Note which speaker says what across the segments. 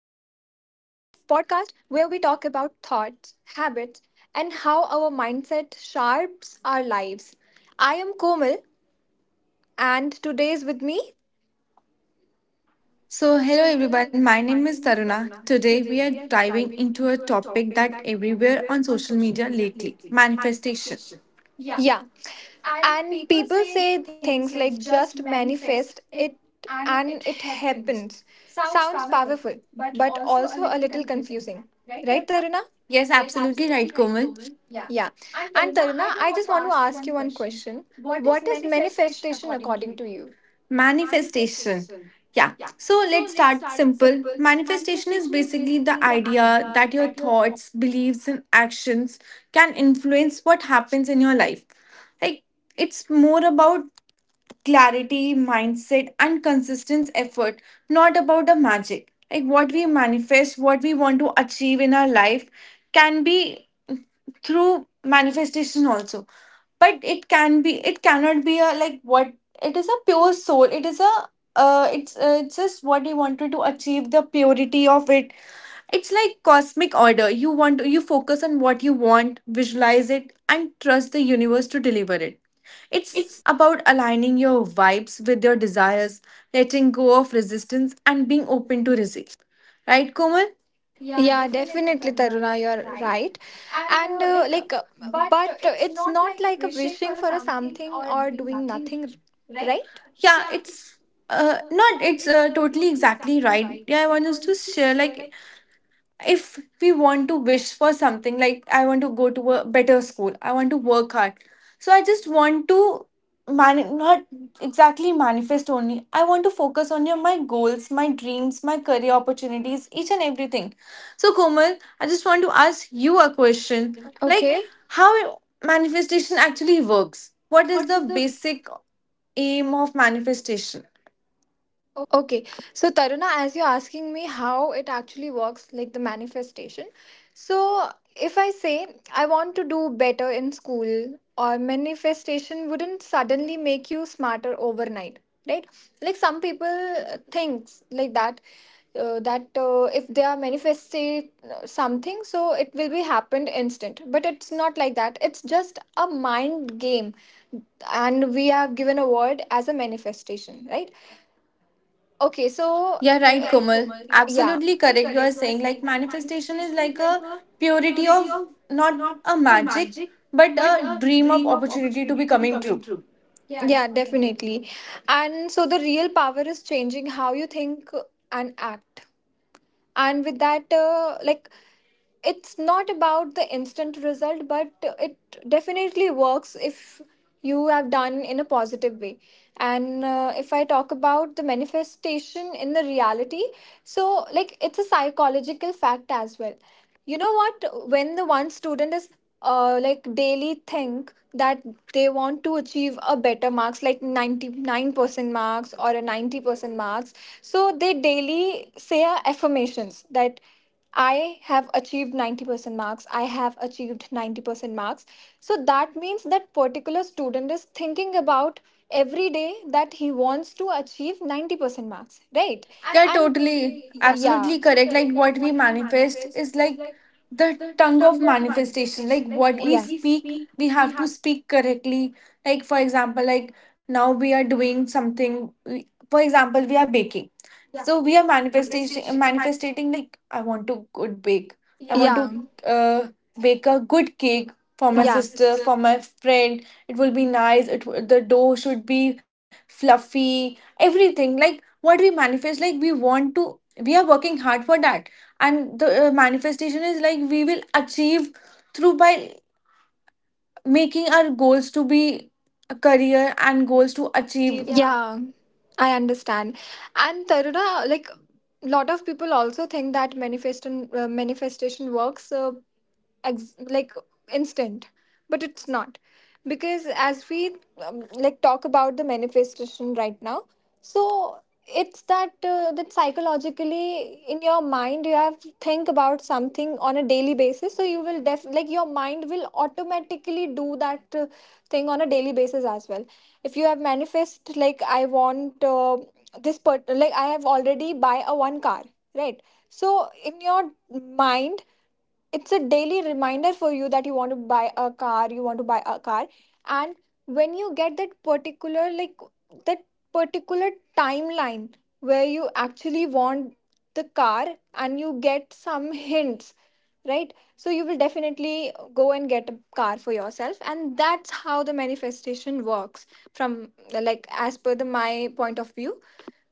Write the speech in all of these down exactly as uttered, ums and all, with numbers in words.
Speaker 1: pos- podcast where we talk about thoughts, habits, and how our mindset sharps our lives. I am Komal, and today's with me.
Speaker 2: So, hello everyone, my name is Taruna. Today we are diving into a topic that everywhere on social media lately manifestation.
Speaker 1: Yeah. And people say things like just manifest it and it happens. Sounds powerful, but also a little confusing. Right, Taruna?
Speaker 2: Yes,
Speaker 1: Yes,
Speaker 2: absolutely right,
Speaker 1: absolutely right,
Speaker 2: Komal.
Speaker 1: Komal. Yeah. And Taruna, I just want to ask you one question. What is manifestation according to you?
Speaker 2: Manifestation.
Speaker 1: Sure.
Speaker 2: Yeah, so let's start simple. Manifestation is
Speaker 1: Manifestation is
Speaker 2: basically
Speaker 1: basically
Speaker 2: the
Speaker 1: the
Speaker 2: idea
Speaker 1: idea
Speaker 2: that your
Speaker 1: that your thought.
Speaker 2: thoughts, beliefs, and actions can influence what happens in your life. Like, it's more about clarity, mindset, and consistent effort, not about the magic. Like what we manifest, what we want to achieve in our life can be through manifestation also, but it can be it cannot be a, like, what It is a pure soul. It is a uh, it's uh, it's just what you wanted to achieve, the purity of it. It's like cosmic order. You want, you focus on what you want, visualize it, and trust the universe to deliver it. It's
Speaker 1: It's.
Speaker 2: about aligning your vibes with your desires, letting go of resistance and being open to receive, right, Komal?
Speaker 1: Yeah, definitely, Taruna, you're right. And uh, like, uh, but it's not like a wishing for a something or doing nothing, r- right?
Speaker 2: Yeah,
Speaker 1: Yeah,
Speaker 2: it's
Speaker 1: it's
Speaker 2: uh
Speaker 1: uh,
Speaker 2: not it's uh, totally exactly right.
Speaker 1: right.
Speaker 2: Yeah, I
Speaker 1: Yeah. I
Speaker 2: want us
Speaker 1: want
Speaker 2: to
Speaker 1: us to
Speaker 2: share
Speaker 1: share
Speaker 2: like,
Speaker 1: like.
Speaker 2: if we want to wish for something, like I want to go to a better school, I want to work hard. So I just want to man not exactly manifest only. I want to focus on your my goals, my dreams, my career opportunities, each and everything. So Komal, I just want to ask you a question,
Speaker 1: Okay.
Speaker 2: like
Speaker 1: Like,
Speaker 2: how manifestation actually works, what is
Speaker 1: what
Speaker 2: the
Speaker 1: is the.
Speaker 2: basic aim of manifestation?
Speaker 1: Okay, so Taruna, as you're asking me how it actually works, like the manifestation. So, if I say I want to do better in school, or manifestation wouldn't suddenly make you smarter overnight, right? Like some people uh, thinks like that, uh, that uh, if they are manifesting something, so it will be happened instant. But it's not like that. It's just a mind game, and we have given a word as a manifestation, right? Okay, so
Speaker 2: Yeah,
Speaker 1: yeah,
Speaker 2: right,
Speaker 1: like
Speaker 2: Komal.
Speaker 1: yeah,
Speaker 2: Absolutely correct. You are saying like manifestation is like a purity
Speaker 1: be
Speaker 2: of,
Speaker 1: of
Speaker 2: not
Speaker 1: not
Speaker 2: a magic,
Speaker 1: magic
Speaker 2: but a dream of
Speaker 1: dream of
Speaker 2: opportunity to be coming
Speaker 1: coming
Speaker 2: true.
Speaker 1: true. Yeah, definitely. And so the real power is changing how you think and act. And with that uh, like, it's not about the instant result, but it definitely works if you have done in a positive way. And uh, if I talk about the manifestation in the reality, so like it's a psychological fact as well. You know what, when the one student is uh, like daily think that they want to achieve a better marks like ninety-nine percent marks or a ninety percent marks, so they daily say a affirmations that I have achieved ninety percent marks, I have achieved ninety percent marks. So that means that particular student is thinking about every day that he wants to achieve ninety percent marks, right?
Speaker 2: Yeah,
Speaker 1: And
Speaker 2: totally.
Speaker 1: totally yeah.
Speaker 2: Absolutely correct. Like what we manifest is like the tongue of manifestation. Like what
Speaker 1: What,
Speaker 2: we
Speaker 1: yeah, we
Speaker 2: speak,
Speaker 1: speak
Speaker 2: we have to speak correctly. Like, for example, like now we are doing something. we- For example, we are baking. Yeah. So we are manifestation
Speaker 1: manifestation.
Speaker 2: manifestating, like I want to good bake. I Yeah. want to
Speaker 1: Yeah.
Speaker 2: uh, bake a good cake for my
Speaker 1: Yeah.
Speaker 2: sister, for my friend. It will be nice. It w- the dough should be fluffy. Everything, like what we manifest, like we want to, we are working hard for that, and the uh, manifestation is like we will achieve through by making our goals to be a career and goals to achieve,
Speaker 1: achieve-
Speaker 2: yeah.
Speaker 1: yeah, I understand. And Taruna, like, lot of people also think that manifestation uh, manifestation works, uh, ex- like, instant, but it's not. Because as we um, like talk about the manifestation right now, so it's that uh, that psychologically in your mind you have to think about something on a daily basis, so you will def like, your mind will automatically do that uh, thing on a daily basis as well. If you have manifest like I want uh, this part, like I have already buy a one car, right? So in your mind it's a daily reminder for you that you want to buy a car, you want to buy a car. And when you get that particular like that particular timeline where you actually want the car, and you get some hints, right? So you will definitely go and get a car for yourself, and that's how the manifestation works, from, like, as per the my point of view.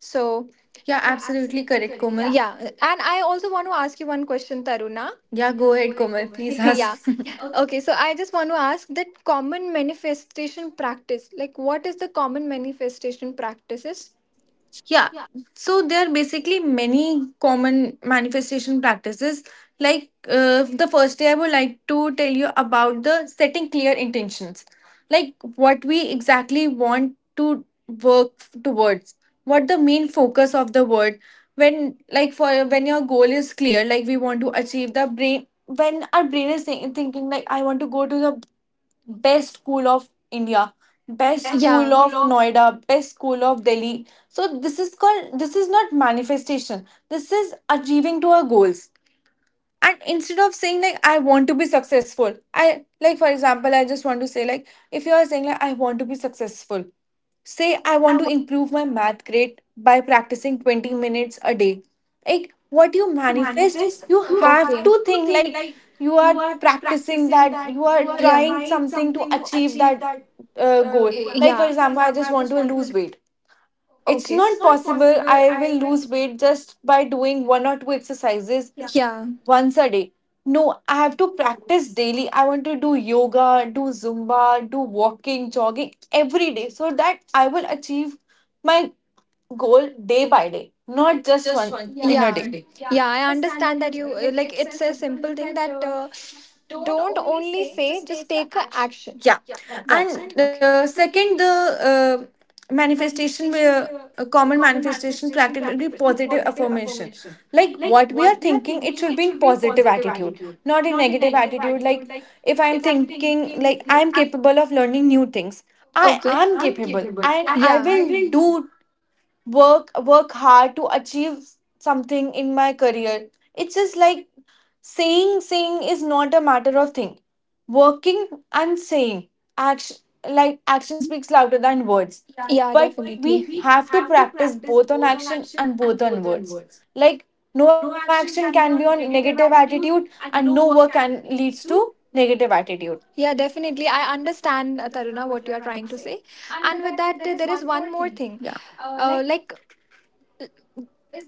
Speaker 1: So
Speaker 2: Yeah, absolutely correct, Komal. Yeah,
Speaker 1: yeah. And I also want to ask you one question, Taruna.
Speaker 2: yeah, go ahead, Komal, please
Speaker 1: Yeah.
Speaker 2: ask.
Speaker 1: Okay, so I just want to ask that common manifestation practice, like, what is the common manifestation practices?
Speaker 2: Yeah.
Speaker 1: Yeah,
Speaker 2: So there are basically many common manifestation practices. Like uh, the first day, I would like to tell you about the setting clear intentions, like what we exactly want to work towards, what the main focus of the word. When, like, for when your goal is clear, like we want to achieve the brain. When our brain is thi- thinking like I want to go to the best school of India, best
Speaker 1: best. Yeah.
Speaker 2: school of Noida, best school of Delhi. So this is called, this is not manifestation. This is achieving to our goals. And instead of saying like I want to be successful, I, like, for example, I just want to say like, if you are saying like I want to be successful, say I
Speaker 1: Say,
Speaker 2: want to improve my math grade by practicing twenty minutes a day. Like what you
Speaker 1: as you
Speaker 2: manifest,
Speaker 1: manifest,
Speaker 2: you
Speaker 1: you,
Speaker 2: have
Speaker 1: okay,
Speaker 2: to
Speaker 1: have to
Speaker 2: think
Speaker 1: think
Speaker 2: like
Speaker 1: like
Speaker 2: you
Speaker 1: you
Speaker 2: are
Speaker 1: are, you
Speaker 2: practicing that, you are Yeah.
Speaker 1: are, yeah,
Speaker 2: trying
Speaker 1: trying
Speaker 2: something to
Speaker 1: something.
Speaker 2: achieve that uh, goal. Yeah. Like,
Speaker 1: Yeah.
Speaker 2: for example, I just want to lose weight. It's
Speaker 1: Okay.
Speaker 2: not possible I will lose weight just by doing one or two exercises
Speaker 1: Yeah.
Speaker 2: once a day. No, I have to practice daily. I want to do yoga, do Zumba, do walking, jogging every day so that I will achieve my goal day by day, not
Speaker 1: Not
Speaker 2: just
Speaker 1: just
Speaker 2: one
Speaker 1: one.
Speaker 2: in a day.
Speaker 1: Yeah. Yeah, I understand that. You uh, like, it's a simple thing that uh, don't only say, just take a action.
Speaker 2: Yeah.
Speaker 1: That's it.
Speaker 2: And
Speaker 1: And okay,
Speaker 2: uh,
Speaker 1: uh,
Speaker 2: second,
Speaker 1: second
Speaker 2: the uh,
Speaker 1: manifestation.
Speaker 2: manifestation,
Speaker 1: Uh,
Speaker 2: where a
Speaker 1: a
Speaker 2: common
Speaker 1: common
Speaker 2: manifestation
Speaker 1: manifestation
Speaker 2: practice
Speaker 1: practice
Speaker 2: will be
Speaker 1: would be
Speaker 2: positive
Speaker 1: positive
Speaker 2: affirmation.
Speaker 1: affirmation,
Speaker 2: Like what we are thinking, it should be in positive
Speaker 1: positive
Speaker 2: attitude,
Speaker 1: attitude,
Speaker 2: not in
Speaker 1: not a
Speaker 2: negative
Speaker 1: negative.
Speaker 2: attitude. Like, if I'm thinking like I'm capable of learning new things, I
Speaker 1: Okay.
Speaker 2: am
Speaker 1: I'm
Speaker 2: capable
Speaker 1: capable,
Speaker 2: and
Speaker 1: I,
Speaker 2: I
Speaker 1: yeah, I
Speaker 2: will
Speaker 1: will
Speaker 2: do work work hard to achieve something in my career. It's just like saying. Saying is not a matter of thing, working and saying, action, like action speaks louder than
Speaker 1: do
Speaker 2: words.
Speaker 1: it. Yeah.
Speaker 2: But
Speaker 1: Definitely.
Speaker 2: we have to practice both on action and both
Speaker 1: Both
Speaker 2: on
Speaker 1: the
Speaker 2: words.
Speaker 1: inwards.
Speaker 2: Like,
Speaker 1: Like,
Speaker 2: no
Speaker 1: no
Speaker 2: action
Speaker 1: action
Speaker 2: can be
Speaker 1: can be
Speaker 2: on
Speaker 1: on
Speaker 2: negative
Speaker 1: negative
Speaker 2: attitude
Speaker 1: attitude
Speaker 2: and no
Speaker 1: and
Speaker 2: work
Speaker 1: no work
Speaker 2: can
Speaker 1: can
Speaker 2: leads to
Speaker 1: leads to
Speaker 2: negative
Speaker 1: negative
Speaker 2: attitude.
Speaker 1: attitude. Yeah, definitely. I understand, uh, Taruna, what you are trying to say. And with that, uh, there is one more thing.
Speaker 2: Yeah.
Speaker 1: Uh, like,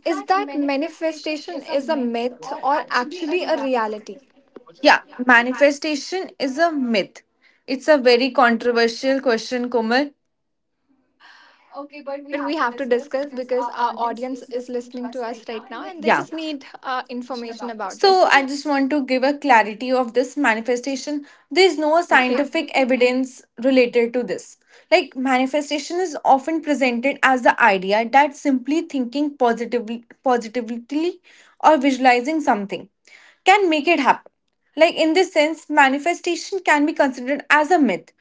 Speaker 1: is that manifestation is a myth or actually a reality?
Speaker 2: Yeah, manifestation is a myth. It's a very controversial question, Komal.
Speaker 1: Okay, but we have to discuss, because our audience is listening to us right now and they
Speaker 2: Yeah.
Speaker 1: just, yeah, need uh, information about this.
Speaker 2: So
Speaker 1: So
Speaker 2: I just want to give a clarity of this manifestation. There is no
Speaker 1: there's no, okay,
Speaker 2: scientific
Speaker 1: scientific ev-
Speaker 2: evidence related to this. Like manifestation is often presented as the idea that simply thinking positively positively or visualizing something can make it happen. Like, in this sense, manifestation can be considered as a myth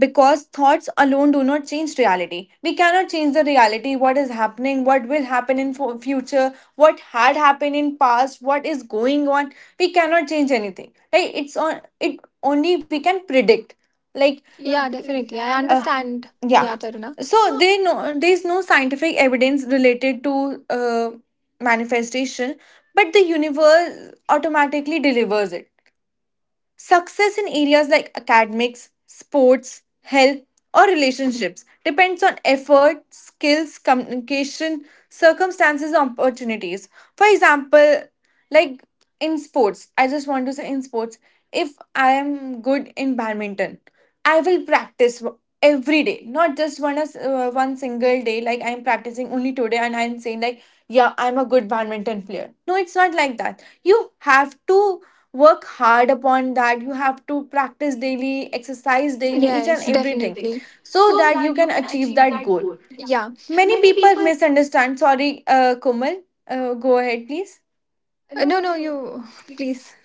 Speaker 2: because thoughts alone do not change reality. We cannot change the reality, what is happening, what will happen in fu- future, what had happened in past, what is going on. We cannot change anything. Like, it's on, it only we can predict. Like,
Speaker 1: like,
Speaker 2: yeah,
Speaker 1: yeah,
Speaker 2: definitely.
Speaker 1: definitely.
Speaker 2: I understand.
Speaker 1: I
Speaker 2: Uh,
Speaker 1: understand.
Speaker 2: yeah
Speaker 1: Yeah, Taruna.
Speaker 2: so they know there is no scientific evidence related to uh, manifestation, but the universe automatically delivers it. Success in areas like academics, sports, health, or relationships depends on effort, skills, communication, circumstances, and opportunities. For example, like in sports, I just want to say, in sports, if I am good in badminton, I will practice w- every day, not just one, as uh, one single day. Like, I'm practicing only today, and I'm saying like, yeah, I'm a good badminton player. No, it's not like that. You have to work hard upon that. You have to practice daily, exercise daily, each and
Speaker 1: Yes,
Speaker 2: everything,
Speaker 1: definitely.
Speaker 2: so
Speaker 1: So
Speaker 2: that you
Speaker 1: that you
Speaker 2: can
Speaker 1: can
Speaker 2: achieve
Speaker 1: achieve
Speaker 2: that
Speaker 1: that
Speaker 2: goal.
Speaker 1: goal. Yeah.
Speaker 2: Many
Speaker 1: Many
Speaker 2: people
Speaker 1: people.
Speaker 2: misunderstand. Sorry, uh, Komal, uh, go ahead, please.
Speaker 1: Uh, No, no, you. Please.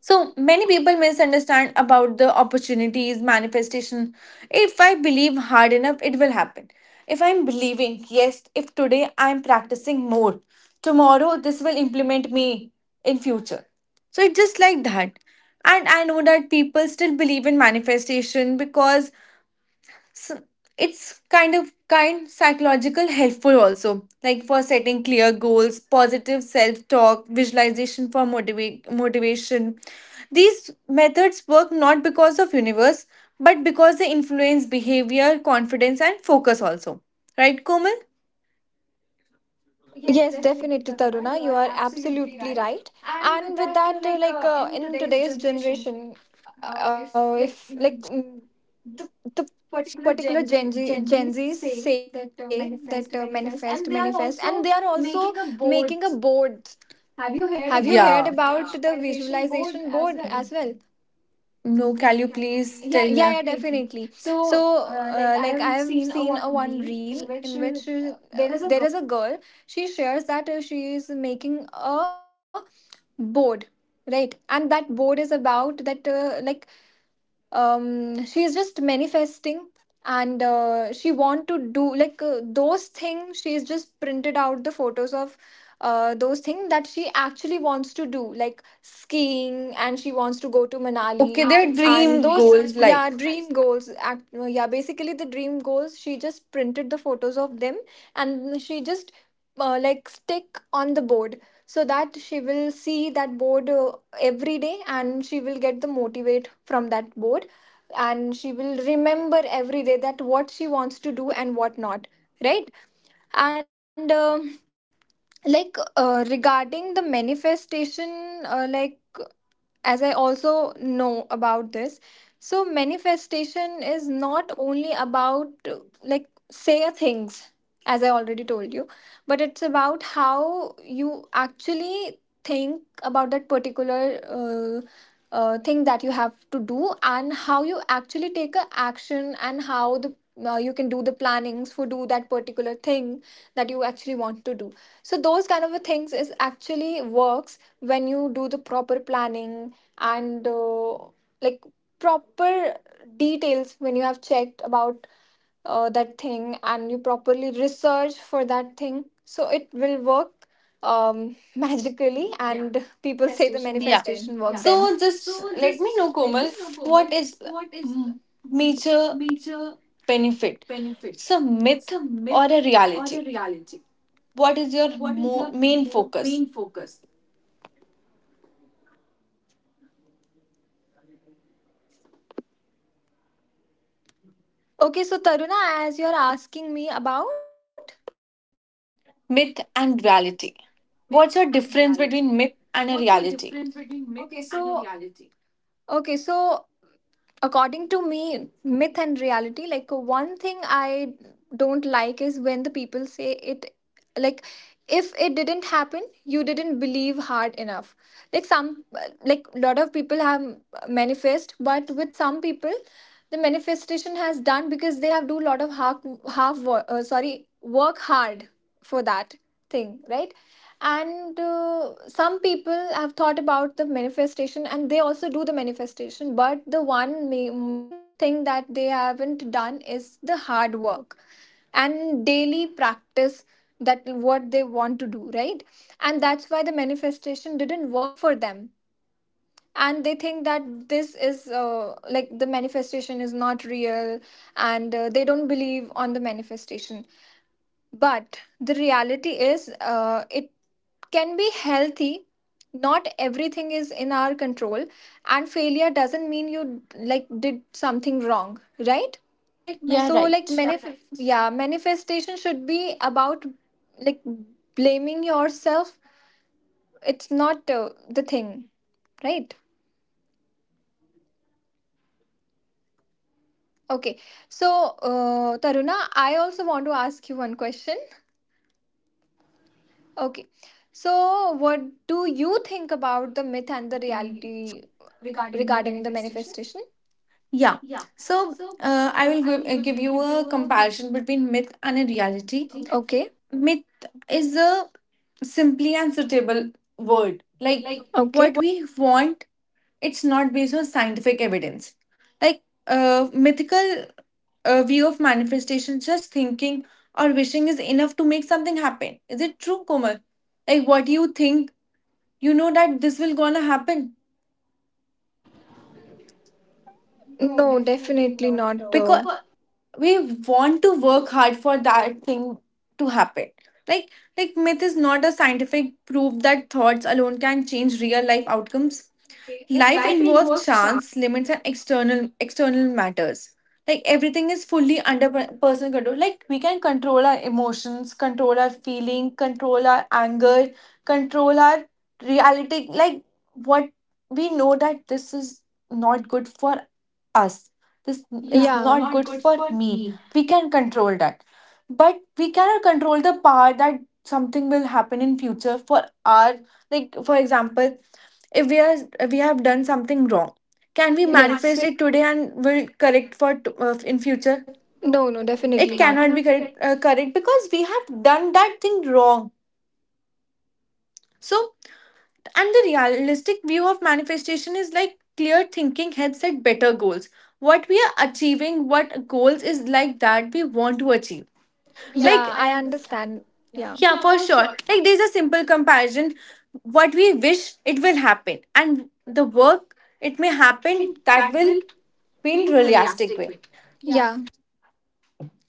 Speaker 2: So many people misunderstand about the opportunities, manifestation. If I believe hard enough, it will happen. If I'm believing, yes, if today I'm practicing more, tomorrow this will implement me in future. So it's just like that. And I know that people still believe in manifestation because s- it's kind of kind psychological helpful also, like for setting clear goals, positive self talk, visualization for motiva- motivation. These methods work not because of universe, but because they influence behavior, confidence, and focus also, right, Komal?
Speaker 1: Yes, definitely, Taruna. You are absolutely right. And with that, uh, like, uh, in today's generation, uh, if like mm, the particular Gen, Z, Gen Zs say that uh, manifest, manifest, and they are also making a board.
Speaker 2: Have you
Speaker 1: Have you
Speaker 2: heard about
Speaker 1: heard
Speaker 2: yeah.
Speaker 1: about, yeah,
Speaker 2: the
Speaker 1: the
Speaker 2: visualization
Speaker 1: visualization
Speaker 2: board
Speaker 1: board
Speaker 2: as well?
Speaker 1: as well?
Speaker 2: No, can you please Yeah, tell yeah,
Speaker 1: Yeah,
Speaker 2: me
Speaker 1: yeah,
Speaker 2: definitely.
Speaker 1: definitely. So, uh, like, I have seen a one reel in which uh, there is a girl. She shares that uh, she is making a board, right? And that board is about that, uh, like, um she is just manifesting, and uh, she want to do like uh, those things. She is just printed out the photos of uh, those things that she actually wants to do, like skiing, and she wants to go to
Speaker 2: Okay,
Speaker 1: Manali.
Speaker 2: their
Speaker 1: Okay, their and
Speaker 2: dream
Speaker 1: those dream
Speaker 2: goals like.
Speaker 1: yeah goals, dream, right? Goals act, uh, yeah, basically the dream goals. She just printed the photos of them and she just uh, like stick on the board, so that she will see that board uh, every day and she will get the motivate from that board, and she will remember every day that what she wants to do and what not, right? And um like, uh, regarding the manifestation, uh, like, as I also know about this. So manifestation is not only about, uh, like say a things, as I already told you, but it's about how you actually think about that particular uh, uh, thing that you have to do, and how you actually take a action, and how the uh, you can do the plannings for do that particular thing that you actually want to do. So those kind of a things is actually works when you do the proper planning, and uh, like proper details, when you have checked about uh, that thing and you properly research for that thing, so it will work um magically. Yeah. And yeah, people say the
Speaker 2: Yeah.
Speaker 1: manifestation work. Yeah. Then
Speaker 2: So
Speaker 1: so
Speaker 2: just let me
Speaker 1: just
Speaker 2: know,
Speaker 1: let
Speaker 2: Komal,
Speaker 1: me know,
Speaker 2: what
Speaker 1: Komal.
Speaker 2: is
Speaker 1: What is
Speaker 2: mm, major
Speaker 1: major
Speaker 2: benefit?
Speaker 1: benefit?
Speaker 2: It's a
Speaker 1: It's
Speaker 2: myth
Speaker 1: a
Speaker 2: or
Speaker 1: myth
Speaker 2: a
Speaker 1: or a
Speaker 2: reality?
Speaker 1: reality?
Speaker 2: What is your
Speaker 1: What is
Speaker 2: mo-
Speaker 1: your
Speaker 2: main
Speaker 1: mo-
Speaker 2: focus?
Speaker 1: main focus? Okay, so Taruna, as you're asking me about
Speaker 2: Myth and
Speaker 1: myth
Speaker 2: reality.
Speaker 1: and
Speaker 2: What's your
Speaker 1: reality.
Speaker 2: difference between
Speaker 1: What's
Speaker 2: myth
Speaker 1: the
Speaker 2: and a
Speaker 1: difference between
Speaker 2: reality?
Speaker 1: myth and a reality? Okay, so according to me, myth and reality, like, one thing I don't like is when the people say it, like, if it didn't happen, you didn't believe hard enough. Like, some, like, lot of people have manifest, but with some people the manifestation has done because they have do lot of half half wo- uh, sorry work hard for that thing, right? And uh, some people have thought about the manifestation and they also do the manifestation, but the one ma- main thing that they haven't done is the hard work and daily practice that what they want to do, right? And that's why the manifestation didn't work for them, and they think that this is uh, like the manifestation is not real, and uh, they don't believe on the manifestation. But the reality is, uh, it can be healthy. Not everything is in our control, and failure doesn't mean you like did something wrong, right?
Speaker 2: Yeah, myth.
Speaker 1: So, like,
Speaker 2: Right.
Speaker 1: manif- correct, yeah, manifestation should be about, like, blaming yourself. It's not uh, the thing, right? Okay, so uh, Taruna, I also want to ask you one question. Okay. So what do you think about the myth and the reality regarding the manifestation?
Speaker 2: Yeah.
Speaker 1: Yeah.
Speaker 2: So
Speaker 1: So
Speaker 2: uh, I
Speaker 1: uh,
Speaker 2: will
Speaker 1: I
Speaker 2: give,
Speaker 1: will
Speaker 2: uh,
Speaker 1: give,
Speaker 2: give
Speaker 1: uh,
Speaker 2: you
Speaker 1: give you
Speaker 2: a
Speaker 1: a complete
Speaker 2: comparison between myth and a reality.
Speaker 1: reality. Okay.
Speaker 2: Myth is a simply and suitable word, like
Speaker 1: Like.
Speaker 2: what
Speaker 1: Okay.
Speaker 2: we want, it's not based on scientific evidence. Like uh, mythical uh, view of manifestation, just thinking or wishing is enough to make something happen. Is it true, Komal? Like what you think, you know that this will gonna happen. No,
Speaker 1: No,
Speaker 2: definitely
Speaker 1: definitely
Speaker 2: not.
Speaker 1: not. Uh,
Speaker 2: Because
Speaker 1: Because,
Speaker 2: we want to work hard for that thing to happen. Like like myth is not a scientific proof that thoughts alone can change real life outcomes.
Speaker 1: okay,
Speaker 2: Life
Speaker 1: life
Speaker 2: involves
Speaker 1: involves chance.
Speaker 2: chance, limits, and external external matters. Like, everything is fully under per- personal control. Like, we can control our emotions, control our feeling, control our anger, control our reality. Like what we know that this is not good for us. This is
Speaker 1: Is,
Speaker 2: Yeah.
Speaker 1: yeah,
Speaker 2: not
Speaker 1: not
Speaker 2: good
Speaker 1: good
Speaker 2: for
Speaker 1: for
Speaker 2: me.
Speaker 1: me.
Speaker 2: We can control that. But we cannot control the part that something will happen in future for our, like, for example, if we are, if we have done something wrong, can we
Speaker 1: And
Speaker 2: Yeah.
Speaker 1: it, yes,
Speaker 2: manifest
Speaker 1: can't
Speaker 2: it today and will correct for t- uh, in
Speaker 1: be
Speaker 2: future?
Speaker 1: future.
Speaker 2: No,
Speaker 1: No, no,
Speaker 2: definitely It
Speaker 1: definitely
Speaker 2: not.
Speaker 1: it not
Speaker 2: Cannot be
Speaker 1: cannot be
Speaker 2: correct,
Speaker 1: correct.
Speaker 2: uh, correct, because we have done that thing wrong. So, and the realistic view of manifestation is like clear thinking helps set better goals. What we are achieving, what goals is like that we want to achieve. Yeah, like
Speaker 1: Yeah, I
Speaker 2: I understand.
Speaker 1: understand.
Speaker 2: Yeah,
Speaker 1: Yeah.
Speaker 2: yeah,
Speaker 1: Yeah.
Speaker 2: for sure. Like there's a simple comparison. What we wish, it will happen, and the work, it may happen
Speaker 1: Happen
Speaker 2: that
Speaker 1: that
Speaker 2: will
Speaker 1: will
Speaker 2: be in
Speaker 1: be.
Speaker 2: realistic way.
Speaker 1: Yeah.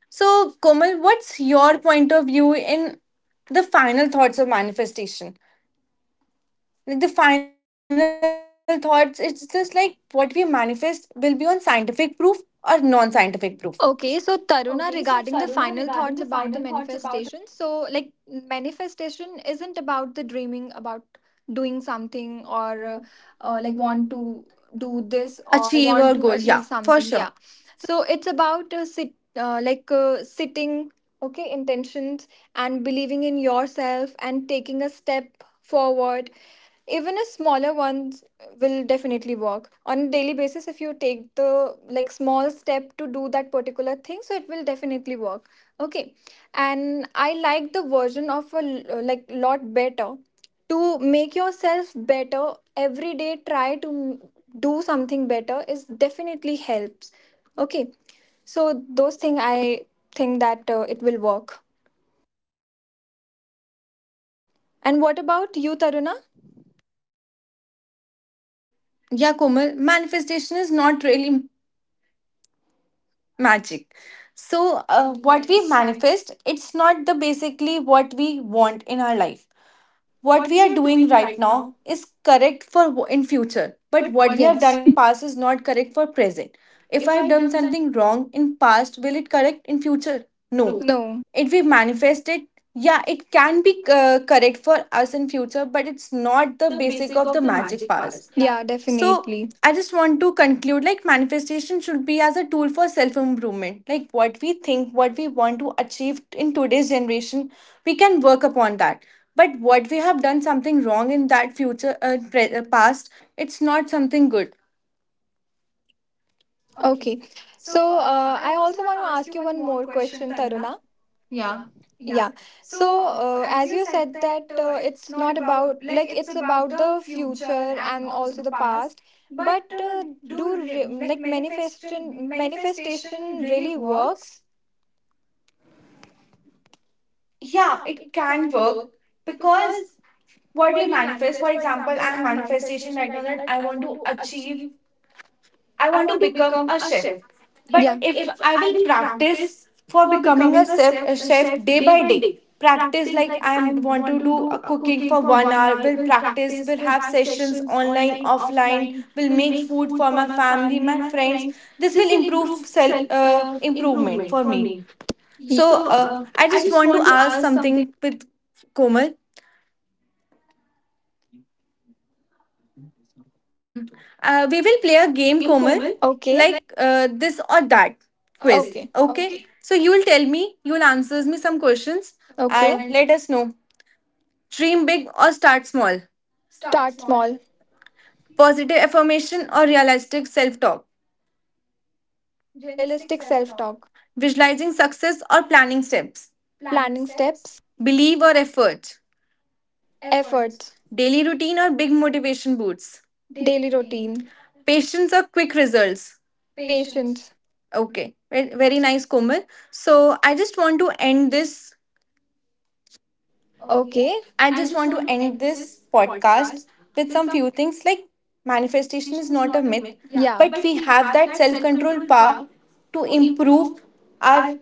Speaker 2: So Komal, what's your point of view in the final thoughts of manifestation? Like the final thoughts, it's just like what we manifest will be on scientific proof or non-scientific proof.
Speaker 1: Okay, so Taruna, regarding the final thoughts about the manifestation. So, like, manifestation isn't about the dreaming about doing something or, uh, uh, like want to
Speaker 2: Do
Speaker 1: do
Speaker 2: this
Speaker 1: this
Speaker 2: or
Speaker 1: or
Speaker 2: achieve our
Speaker 1: want to
Speaker 2: goal,
Speaker 1: achieve
Speaker 2: yeah, for
Speaker 1: something.
Speaker 2: sure.
Speaker 1: Yeah, so it's about uh, sit uh, like, uh, sitting, okay, intentions and believing in yourself and taking a step forward, even a smaller ones, will definitely work on a daily basis. If you take the, like, small step to do that particular thing, so it will definitely work, okay? And I like the version of a l- like lot better. To make yourself better every day, try to m- do something better is definitely helps, okay? So those thing I think that uh, it will work. And what about you, Taruna?
Speaker 2: Yeah, Komal, manifestation is not really magic. So uh, what we manifest, it's not the basically what we want in our life. What we are doing
Speaker 1: Doing
Speaker 2: right
Speaker 1: right,
Speaker 2: now is correct for w- in future, but what
Speaker 1: what
Speaker 2: we
Speaker 1: you,
Speaker 2: have
Speaker 1: yes,
Speaker 2: done in past is not correct for present. If I
Speaker 1: have.
Speaker 2: have done something wrong in past, will it correct in future? No,
Speaker 1: No, no.
Speaker 2: it we manifested. Yeah, it can be uh, correct for us in future, but it's not the basic of the
Speaker 1: Of the match.
Speaker 2: magic past. Yeah,
Speaker 1: Yeah,
Speaker 2: definitely. So
Speaker 1: definitely.
Speaker 2: I just want to conclude, like manifestation should be as a tool for self improvement. Like what we think, what we want to achieve in today's generation, we can work upon that. But what we have done something wrong in that future, uh, pre- uh, past, it's not something good.
Speaker 1: Okay. So, uh, I also want to ask you one more question, Taruna.
Speaker 2: Yeah.
Speaker 1: Yeah. So, uh, as you said that uh, it's not about, like, it's about the future and also the past, but uh, do re- like, manifestation manifestation really works?
Speaker 2: Yeah,
Speaker 1: Yeah,
Speaker 2: it
Speaker 1: it
Speaker 2: can
Speaker 1: can
Speaker 2: work,
Speaker 1: work.
Speaker 2: because
Speaker 1: Because
Speaker 2: what do
Speaker 1: what
Speaker 2: you
Speaker 1: do you
Speaker 2: manifest. For
Speaker 1: manifest? For
Speaker 2: example,
Speaker 1: example,
Speaker 2: I'm
Speaker 1: I'm
Speaker 2: manifestation
Speaker 1: manifestation
Speaker 2: right now
Speaker 1: right now
Speaker 2: that
Speaker 1: that
Speaker 2: I
Speaker 1: I
Speaker 2: want
Speaker 1: want
Speaker 2: to
Speaker 1: to
Speaker 2: achieve,
Speaker 1: achieve,
Speaker 2: I
Speaker 1: I
Speaker 2: want to
Speaker 1: want to
Speaker 2: become
Speaker 1: become
Speaker 2: a
Speaker 1: a
Speaker 2: chef.
Speaker 1: chef.
Speaker 2: But
Speaker 1: Yeah.
Speaker 2: if
Speaker 1: If
Speaker 2: I
Speaker 1: I
Speaker 2: will
Speaker 1: will
Speaker 2: practice
Speaker 1: practice
Speaker 2: for
Speaker 1: for
Speaker 2: becoming a
Speaker 1: becoming a
Speaker 2: chef, a chef
Speaker 1: chef
Speaker 2: day
Speaker 1: day
Speaker 2: by
Speaker 1: by
Speaker 2: day,
Speaker 1: day.
Speaker 2: practice
Speaker 1: Practice
Speaker 2: like
Speaker 1: like
Speaker 2: I
Speaker 1: I
Speaker 2: am want
Speaker 1: want
Speaker 2: to
Speaker 1: to
Speaker 2: do a
Speaker 1: do a
Speaker 2: cooking
Speaker 1: cooking
Speaker 2: for
Speaker 1: for
Speaker 2: one
Speaker 1: one
Speaker 2: hour,
Speaker 1: hour.
Speaker 2: will
Speaker 1: Will
Speaker 2: practice,
Speaker 1: practice.
Speaker 2: will
Speaker 1: Will
Speaker 2: have
Speaker 1: have
Speaker 2: sessions
Speaker 1: sessions.
Speaker 2: online, offline, will
Speaker 1: Will
Speaker 2: make
Speaker 1: make
Speaker 2: food
Speaker 1: food
Speaker 2: for
Speaker 1: for
Speaker 2: my
Speaker 1: my
Speaker 2: family,
Speaker 1: family,
Speaker 2: my
Speaker 1: my
Speaker 2: friends.
Speaker 1: friends.
Speaker 2: This
Speaker 1: This
Speaker 2: will
Speaker 1: will
Speaker 2: improve
Speaker 1: improve
Speaker 2: self
Speaker 1: self
Speaker 2: uh,
Speaker 1: uh,
Speaker 2: improvement
Speaker 1: improvement
Speaker 2: for
Speaker 1: for
Speaker 2: me.
Speaker 1: me. Ye- So
Speaker 2: So uh, I
Speaker 1: I
Speaker 2: just
Speaker 1: just
Speaker 2: want to
Speaker 1: want to
Speaker 2: ask
Speaker 1: ask
Speaker 2: something with Komal. Uh, we will play a
Speaker 1: some
Speaker 2: game,
Speaker 1: game,
Speaker 2: Komal,
Speaker 1: Komal. Okay. Like
Speaker 2: like uh, this or that
Speaker 1: this.
Speaker 2: quiz.
Speaker 1: Okay,
Speaker 2: Okay. So you will tell me, you will answer me some questions,
Speaker 1: okay.
Speaker 2: and
Speaker 1: And
Speaker 2: let us know. Dream big or start small.
Speaker 1: start small.
Speaker 2: Positive affirmation or realistic self talk.
Speaker 1: Realistic self talk.
Speaker 2: Visualizing success or planning steps.
Speaker 1: Planning steps.
Speaker 2: Believe or effort.
Speaker 1: Efforts.
Speaker 2: Daily routine or big motivation boosts.
Speaker 1: Daily routine.
Speaker 2: Patience or quick results.
Speaker 1: Patience.
Speaker 2: Okay. Ve- Very nice, Komal. So I just want to end this.
Speaker 1: Okay.
Speaker 2: I
Speaker 1: I
Speaker 2: just
Speaker 1: just
Speaker 2: want to
Speaker 1: want
Speaker 2: end this podcast with some
Speaker 1: to.
Speaker 2: few things like manifestation is not a myth,
Speaker 1: Yeah,
Speaker 2: but
Speaker 1: but
Speaker 2: we
Speaker 1: we
Speaker 2: have
Speaker 1: have
Speaker 2: that
Speaker 1: that
Speaker 2: self
Speaker 1: self
Speaker 2: control
Speaker 1: control. To.
Speaker 2: power to improve our
Speaker 1: Are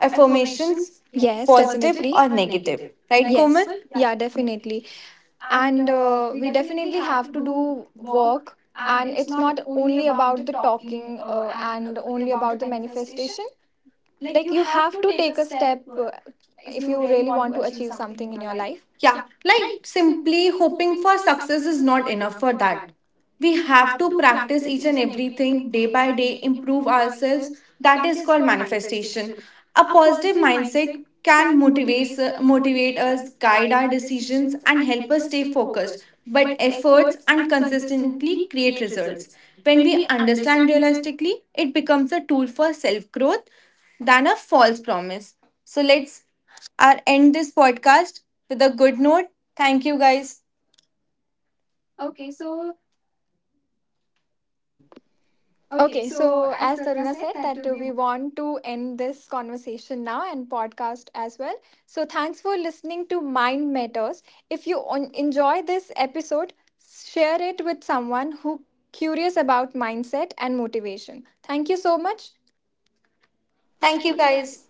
Speaker 2: affirmations,
Speaker 1: affirmations, yes, positive,
Speaker 2: positive
Speaker 1: definitely,
Speaker 2: or
Speaker 1: or
Speaker 2: negative. Right,
Speaker 1: like, yes,
Speaker 2: Komal?
Speaker 1: normal? Yeah, definitely. And uh, we definitely have to do work. And it's not only about the talking uh, and only about the manifestation. Like, you have to take a step uh, if you really want to achieve something in your life.
Speaker 2: Yeah,
Speaker 1: Yeah.
Speaker 2: like simply hoping for success is not enough for that. We
Speaker 1: We have
Speaker 2: have to practice each and everything day by day, improve ourselves. That is called manifestation. A positive
Speaker 1: positive mind
Speaker 2: mindset can
Speaker 1: can
Speaker 2: motivate,
Speaker 1: motivate
Speaker 2: motivate us, guide our decisions,
Speaker 1: decisions,
Speaker 2: and help us stay focused. But
Speaker 1: but
Speaker 2: efforts
Speaker 1: words
Speaker 2: and
Speaker 1: and
Speaker 2: consistently
Speaker 1: consistently
Speaker 2: create
Speaker 1: create
Speaker 2: results.
Speaker 1: results.
Speaker 2: When
Speaker 1: When
Speaker 2: we
Speaker 1: we
Speaker 2: understand
Speaker 1: understand real.
Speaker 2: realistically, it becomes a tool for self growth than a false promise. So let's, I'll end this podcast with a good note. Thank you, guys.
Speaker 1: Okay, so as Taruna said, that uh, we want to end this conversation now and podcast as well. So thanks for listening to Mind Matters. If you on- enjoy this episode, share it with someone who curious about mindset and motivation. Thank you so much.
Speaker 2: Thank you, guys.